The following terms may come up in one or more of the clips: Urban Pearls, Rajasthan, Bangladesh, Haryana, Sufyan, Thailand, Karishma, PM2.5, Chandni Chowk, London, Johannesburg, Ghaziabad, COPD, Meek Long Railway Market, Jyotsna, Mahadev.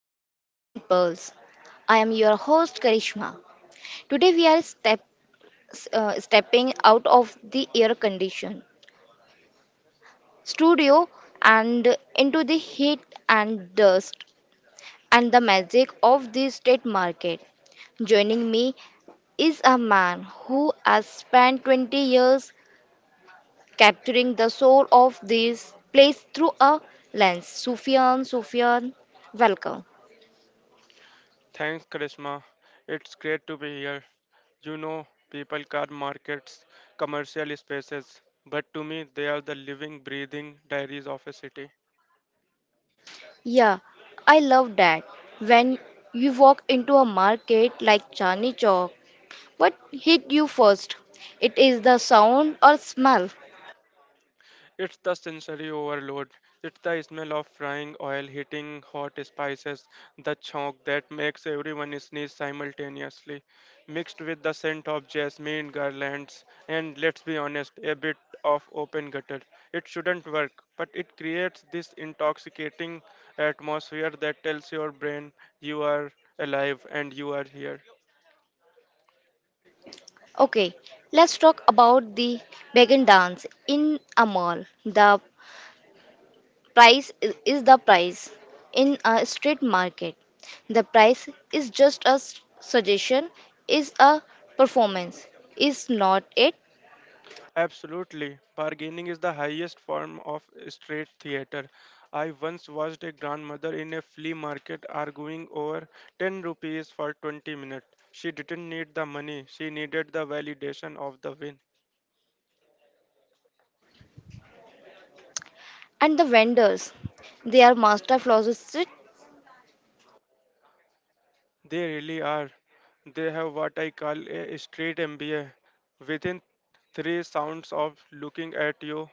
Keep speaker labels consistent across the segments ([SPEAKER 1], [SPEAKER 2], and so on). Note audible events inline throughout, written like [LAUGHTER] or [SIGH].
[SPEAKER 1] to the Urban Pearls. I am your host Karishma. Today we are stepping out of the air conditioned studio and into the heat and dust and the magic of the state market. Joining me is a man who has spent 20 years capturing the soul of this place through a lens. Sufyan, welcome.
[SPEAKER 2] Thanks, Charisma. It's great to be here. You know, people car markets, commercial spaces, but to me, they are the living, breathing diaries of a city.
[SPEAKER 1] Yeah, I love that. When you walk into a market like Chandni Chowk, what hit you first? It is the sound or smell.
[SPEAKER 2] It's the sensory overload. It's the smell of frying oil hitting hot spices, the chonk that makes everyone sneeze simultaneously, mixed with the scent of jasmine garlands and let's be honest, a bit of open gutter. It shouldn't work, but it creates this intoxicating atmosphere that tells your brain you are alive and you are here.
[SPEAKER 1] Okay, let's talk about the Beggin dance in a mall. The price is the price. In a street market, the price is just a suggestion, is a performance, is not it?
[SPEAKER 2] Absolutely. Bargaining is the highest form of street theater. I once watched a grandmother in a flea market arguing over 10 rupees for 20 minutes. She didn't need the money, she needed the validation of the win.
[SPEAKER 1] And the vendors, they are master florists.
[SPEAKER 2] They really are. They have what I call a street MBA. Within three sounds of looking at you,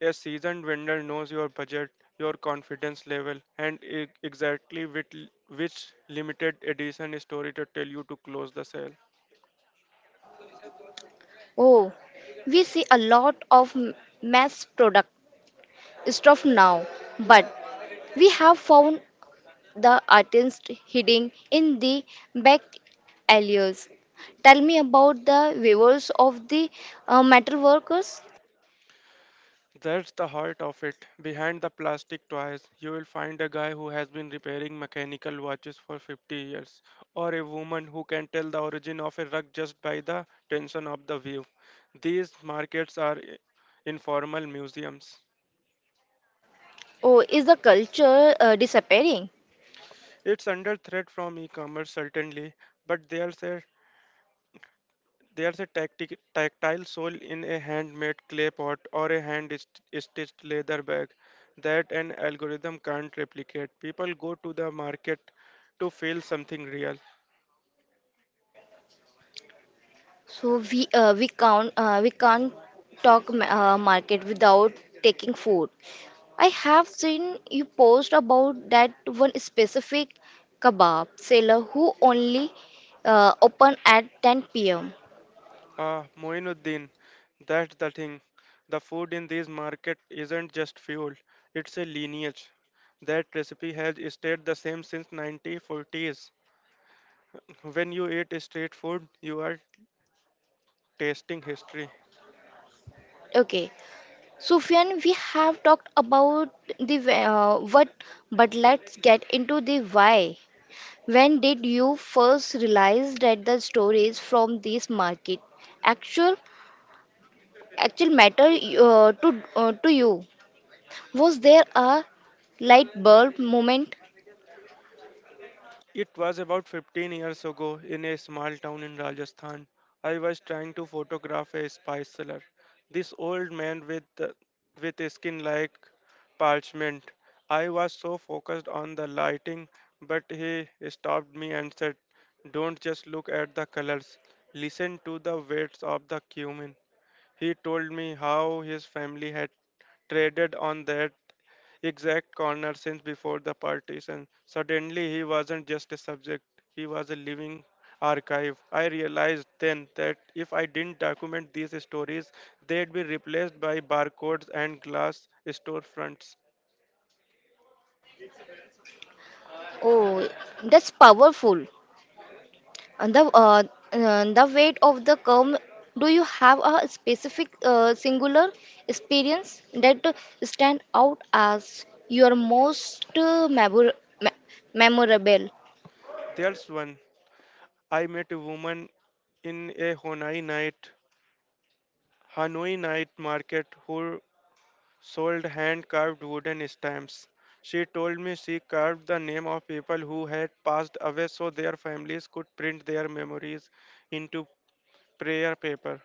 [SPEAKER 2] a seasoned vendor knows your budget, your confidence level, and exactly which limited edition story to tell you to close the sale.
[SPEAKER 1] Oh, we see a lot of mass product stuff now, but we have found the artist hiding in the back alleys. Tell me about the viewers of the metal workers.
[SPEAKER 2] That's the heart of it. Behind the plastic toys, you will find a guy who has been repairing mechanical watches for 50 years, or a woman who can tell the origin of a rug just by the tension of the weave. These markets are informal museums.
[SPEAKER 1] Oh, is the culture disappearing?
[SPEAKER 2] It's under threat from e commerce, certainly, but there's a tactile sole in a handmade clay pot or a hand stitched leather bag that an algorithm can't replicate. People go to the market to feel something real.
[SPEAKER 1] So we can't we can't talk market without taking food. I have seen you post about that one specific kebab seller who only open at 10 p.m.
[SPEAKER 2] Ah, Moinuddin, that's the thing. The food in this market isn't just fuel, it's a lineage. That recipe has stayed the same since 1940s. When you eat street food, you are tasting history.
[SPEAKER 1] Okay, Sufyan, we have talked about the what, but let's get into the why. When did you first realize that the stories from this market actual? Actual matter to you? Was there a light bulb moment?
[SPEAKER 2] It was about 15 years ago in a small town in Rajasthan. I was trying to photograph a spice seller. This old man with a skin like parchment. I was so focused on the lighting, but he stopped me and said, "Don't just look at the colors. Listen to the weights of the cumin." He told me how his family had traded on that exact corner since before the partition. Suddenly, he wasn't just a subject, he was a living archive. I realized then that if I didn't document these stories, they'd be replaced by barcodes and glass storefronts.
[SPEAKER 1] Oh, that's powerful. And the weight of the curve, do you have a specific singular experience that stand out as your most me- memorable?
[SPEAKER 2] There's one. I met a woman in Hanoi night market who sold hand carved wooden stamps. She told me she carved the name of people who had passed away so their families could print their memories into prayer paper.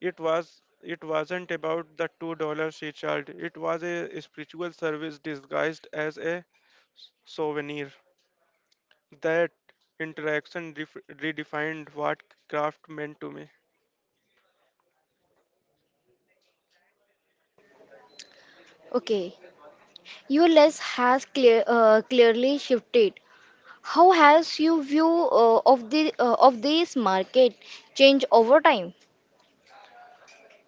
[SPEAKER 2] It wasn't about the $2 she charged. It was a spiritual service disguised as a souvenir. That interaction redefined what craft meant to me.
[SPEAKER 1] Okay, your lens has clearly shifted. How has your view of this market changed over time?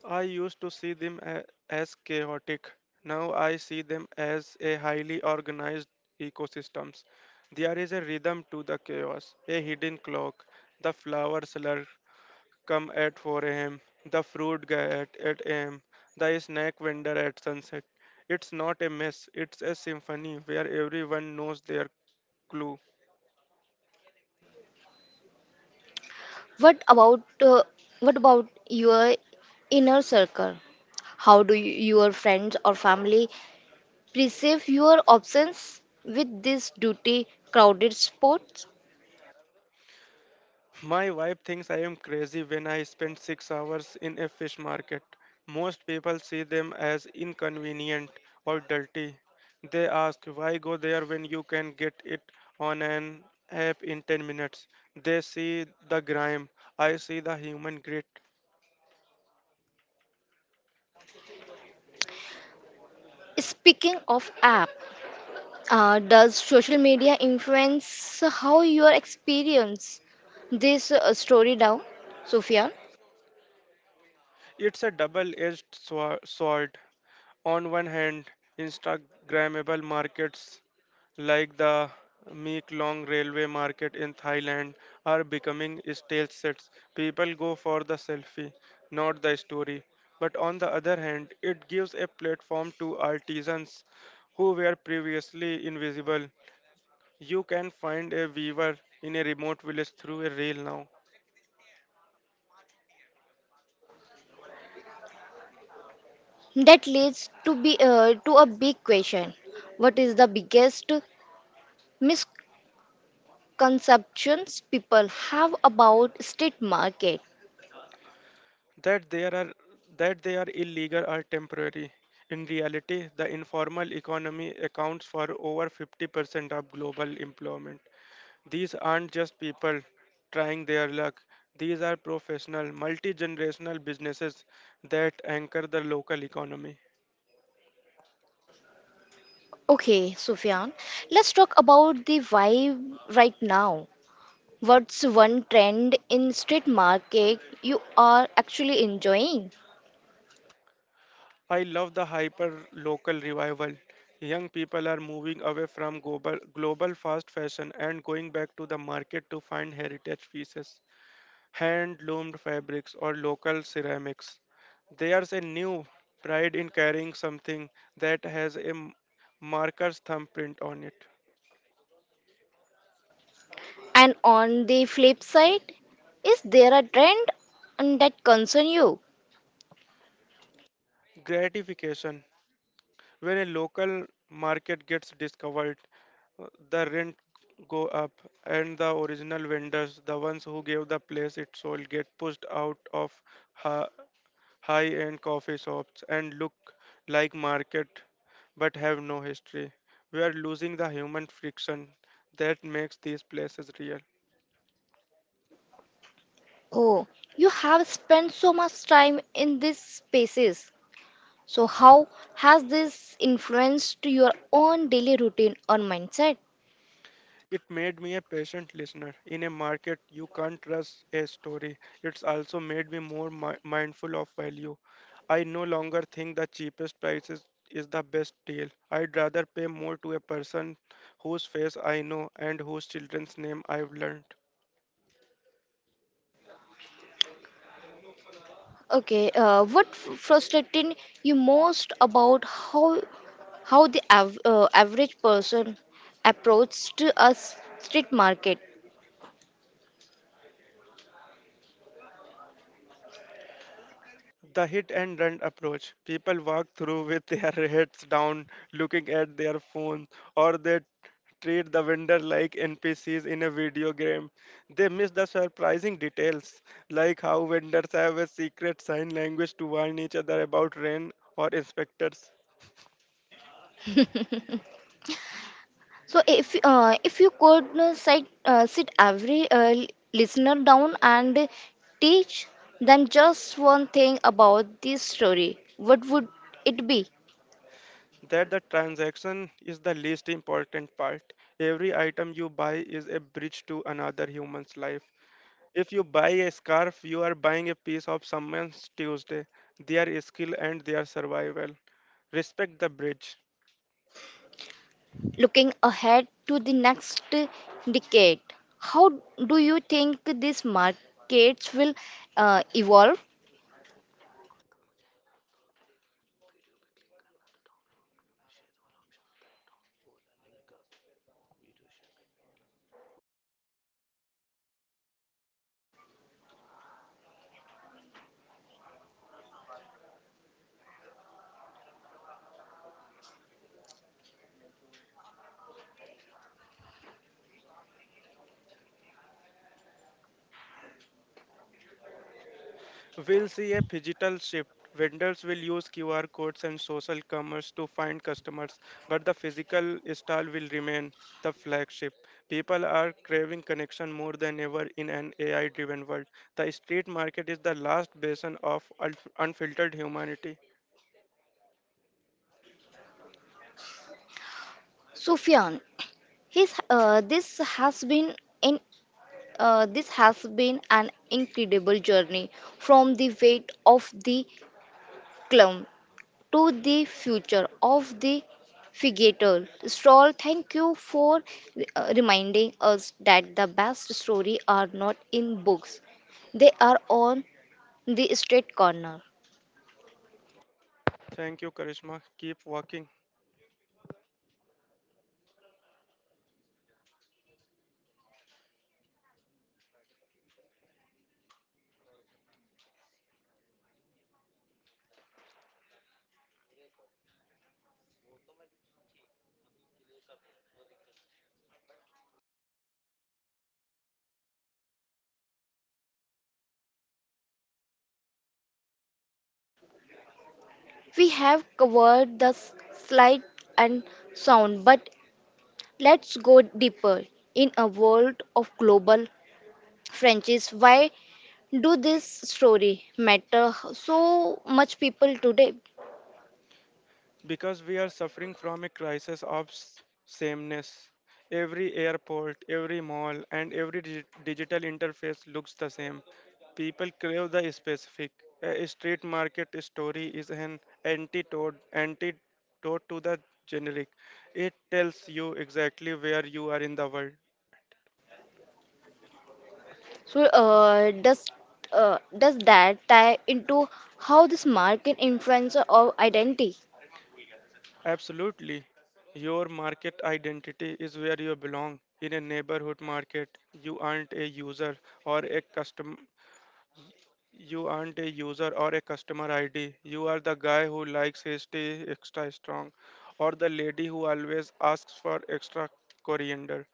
[SPEAKER 2] I used to see them as chaotic. Now I see them as a highly organized ecosystems. There is a rhythm to the chaos, a hidden clock. The flowers seller come at 4 a.m., the fruit guy at 8 a.m., the snack vendor at sunset. It's not a mess, it's a symphony where everyone knows their clue.
[SPEAKER 1] What about your inner circle? How do you, your friends or family perceive your absence with this duty crowded sports?
[SPEAKER 2] My wife thinks I am crazy when I spend 6 hours in a fish market. Most people see them as inconvenient or dirty. They ask why go there when you can get it on an app in 10 minutes. They see the grime, I see the human grit.
[SPEAKER 1] Speaking of app, does social media influence how your experience this story down, Sofia?
[SPEAKER 2] It's a double edged sword. On one hand, Instagrammable markets like the Meek Long Railway Market in Thailand are becoming stale sets. People go for the selfie, not the story. But on the other hand, it gives a platform to artisans who were previously invisible. You can find a weaver in a remote village through a reel now.
[SPEAKER 1] That leads to a big question. What is the biggest misconceptions people have about street market?
[SPEAKER 2] That there are that they are illegal or temporary. In reality, the informal economy accounts for over 50% of global employment. These aren't just people trying their luck. These are professional, multi-generational businesses that anchor the local economy.
[SPEAKER 1] Okay, Sufyan, let's talk about the vibe right now. What's one trend in street market you are actually enjoying?
[SPEAKER 2] I love the hyper local revival. Young people are moving away from global fast fashion and going back to the market to find heritage pieces, hand loomed fabrics or local ceramics. There's a new pride in carrying something that has a marker's thumbprint on it.
[SPEAKER 1] And on the flip side, is there a trend and that concern you?
[SPEAKER 2] Gratification. When a local market gets discovered, the rent go up and the original vendors, the ones who gave the place its soul, get pushed out of high end coffee shops, and look like market but have no history. We are losing the human friction that makes these places real.
[SPEAKER 1] Oh, you have spent so much time in these spaces. So, how has this influenced your own daily routine or mindset?
[SPEAKER 2] It made me a patient listener. In a market, you can't trust a story. It's also made me more mindful of value. I no longer think the cheapest price is the best deal. I'd rather pay more to a person whose face I know and whose children's name I've learned.
[SPEAKER 1] Okay, frustrating you most about how the average person approaches to a street market?
[SPEAKER 2] The hit and run approach. People walk through with their [LAUGHS] heads down, looking at their phone, or they treat the vendor like NPCs in a video game. They miss the surprising details, like how vendors have a secret sign language to warn each other about rain or inspectors.
[SPEAKER 1] So, if you could sit every listener down and teach them just one thing about this story, what would it be?
[SPEAKER 2] That the transaction is the least important part. Every item you buy is a bridge to another human's life. If you buy a scarf, you are buying a piece of someone's Tuesday, their skill and their survival. Respect the bridge.
[SPEAKER 1] Looking ahead to the next decade, how do you think these markets will evolve?
[SPEAKER 2] We'll see a digital shift. Vendors will use QR codes and social commerce to find customers, but the physical stall will remain the flagship. People are craving connection more than ever in an AI driven world. The street market is the last basin of unfiltered humanity.
[SPEAKER 1] Sufyan, his, this has been in this has been an incredible journey from the weight of the clump to the future of the figurator. Stroll, thank you for reminding us that the best story are not in books; they are on the street corner.
[SPEAKER 2] Thank you, Karishma. Keep walking.
[SPEAKER 1] We have covered the slight and sound, but let's go deeper. In a world of global franchise, why do this story matter so much people today?
[SPEAKER 2] Because we are suffering from a crisis of sameness. Every airport, every mall, and every digital interface looks the same. People crave the specific. A street market story is an antidote to the generic. It tells you exactly where you are in the world.
[SPEAKER 1] So does that tie into how this market influencer or identity
[SPEAKER 2] Absolutely. Your market identity is where you belong. In a neighborhood market, or a customer you aren't a user or a customer ID. You are the guy who likes his tea extra strong, or the lady who always asks for extra coriander.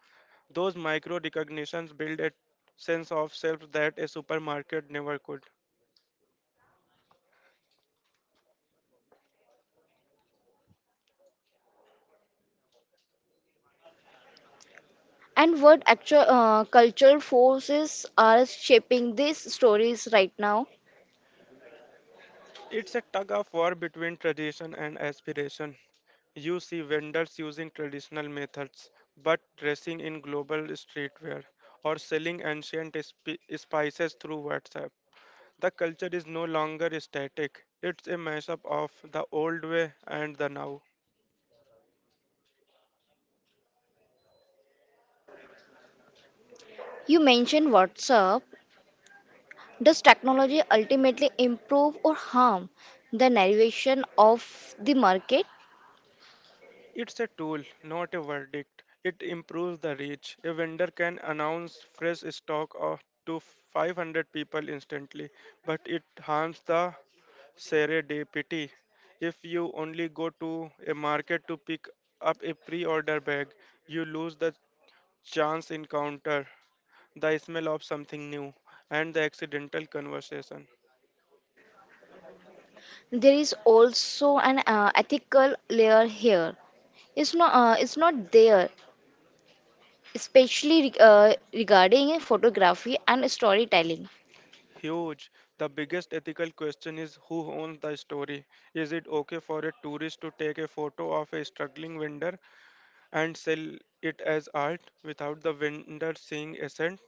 [SPEAKER 2] Those micro recognitions build a sense of self that a supermarket never could.
[SPEAKER 1] and what actual cultural forces are shaping these stories right now?
[SPEAKER 2] It's a tug of war between tradition and aspiration. You see vendors using traditional methods but dressing in global streetwear or selling ancient spices through WhatsApp. The culture is no longer static, it's a mashup of the old way and the now.
[SPEAKER 1] You mentioned WhatsApp. Does technology ultimately improve or harm the navigation of the market?
[SPEAKER 2] It's a tool, not a verdict. It improves the reach. A vendor can announce fresh stock of to 500 people instantly, but it harms the serendipity. If you only go to a market to pick up a pre order bag, you lose the chance encounter, the smell of something new, and the accidental conversation.
[SPEAKER 1] There is also an ethical layer here. It's not there, especially regarding photography and storytelling.
[SPEAKER 2] Huge. The biggest ethical question is who owns the story? Is it okay for a tourist to take a photo of a struggling vendor and sell it as art without the vendor seeing a cent?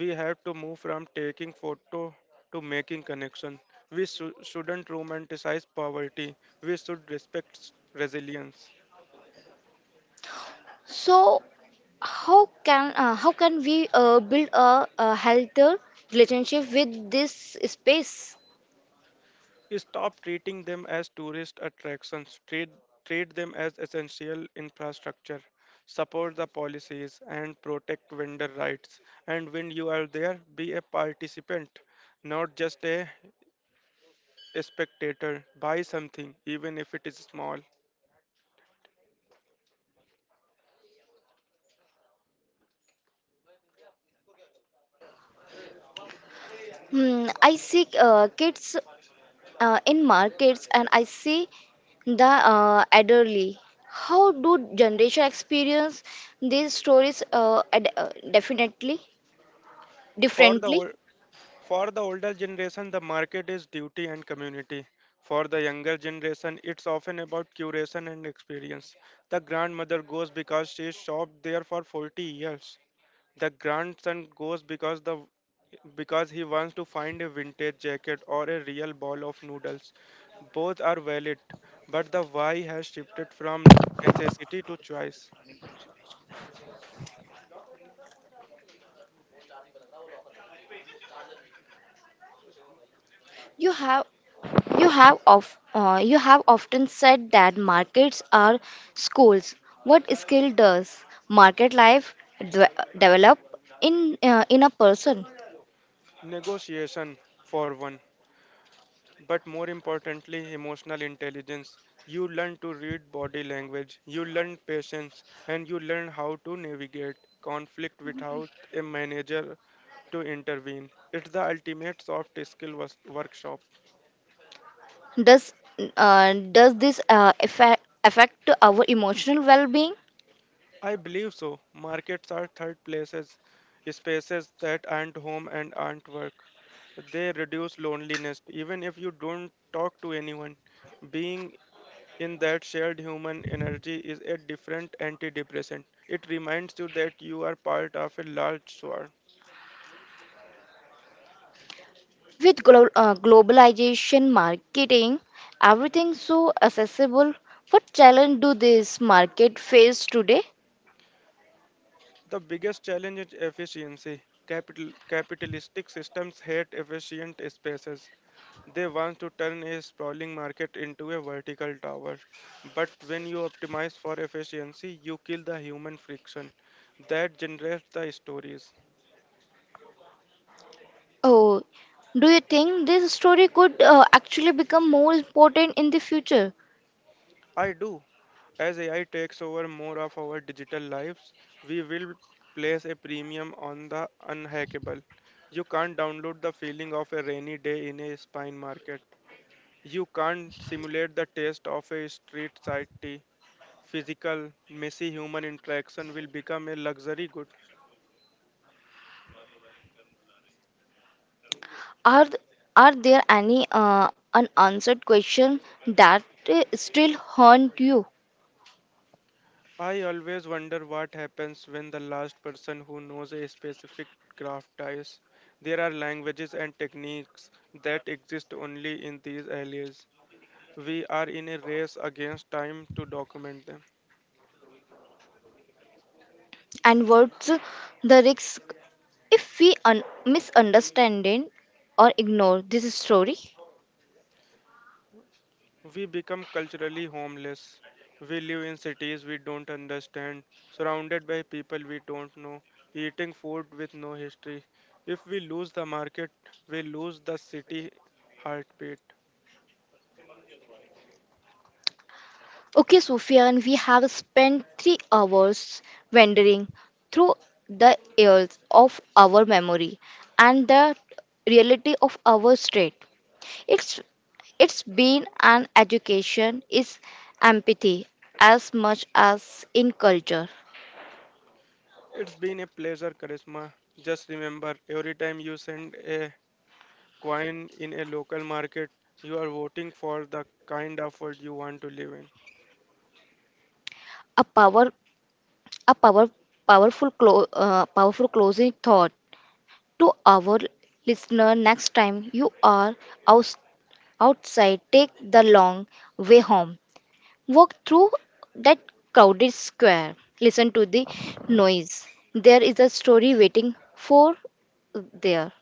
[SPEAKER 2] We have to move from taking photo to making connection. We shouldn't romanticize poverty. We should respect resilience.
[SPEAKER 1] So, how can we build a healthier relationship with this space?
[SPEAKER 2] Stop treating them as tourist attractions. Treat them as essential infrastructure. Support the policies and protect vendor rights. And when you are there, be a participant, not just a spectator. Buy something, even if it is small.
[SPEAKER 1] Hmm, I see kids in markets and I see the elderly. How do generation experience these stories definitely
[SPEAKER 2] For the
[SPEAKER 1] differently?
[SPEAKER 2] ol- for the older generation, the market is duty and community. For the younger generation, it's often about curation and experience. The grandmother goes because she shopped there for 40 years. The grandson goes because the because he wants to find a vintage jacket or a real bowl of noodles. Both are valid, but the why has shifted from necessity to choice.
[SPEAKER 1] You have you have often said that markets are schools. What skill does market life develop in a person?
[SPEAKER 2] Negotiation for one, but more importantly, emotional intelligence. You learn to read body language, you learn patience, and you learn how to navigate conflict without a manager to intervene. It's the ultimate soft skill workshop.
[SPEAKER 1] Does does this affect our emotional well-being?
[SPEAKER 2] I believe so. Markets are third places, spaces that aren't home and aren't work. They reduce loneliness, even if you don't talk to anyone. Being in that shared human energy is a different antidepressant. It reminds you that you are part of a large swarm.
[SPEAKER 1] With globalization, marketing, everything so accessible, what challenge do this market face today?
[SPEAKER 2] The biggest challenge is efficiency. Capitalistic systems hate efficient spaces. They want to turn a sprawling market into a vertical tower. But when you optimize for efficiency, you kill the human friction that generates the stories.
[SPEAKER 1] Oh, do you think this story could actually become more important in the future?
[SPEAKER 2] I do. As AI takes over more of our digital lives, we will place a premium on the unhackable. You can't download the feeling of a rainy day in a spine market. You can't simulate the taste of a street side tea. Physical, messy human interaction will become a luxury good.
[SPEAKER 1] Are th- are there any unanswered questions that still haunt you?
[SPEAKER 2] I always wonder what happens when the last person who knows a specific craft dies. There are languages and techniques that exist only in these areas. We are in a race against time to document them.
[SPEAKER 1] And what's the risk if we misunderstand it or ignore this story?
[SPEAKER 2] We become culturally homeless. We live in cities we don't understand, surrounded by people we don't know, eating food with no history. If we lose the market, we lose the city heartbeat.
[SPEAKER 1] Okay, Sufyan, we have spent 3 hours wandering through the years of our memory and the reality of our state. It's it's been an education is empathy as much as in culture.
[SPEAKER 2] It's been a pleasure, Charisma. Just remember, every time you send a coin in a local market, you are voting for the kind of world you want to live in.
[SPEAKER 1] A power a power powerful closing thought to our listener. Next time you are outs outside, take the long way home. Walk through that crowded square. Listen to the noise. There is a story waiting for there.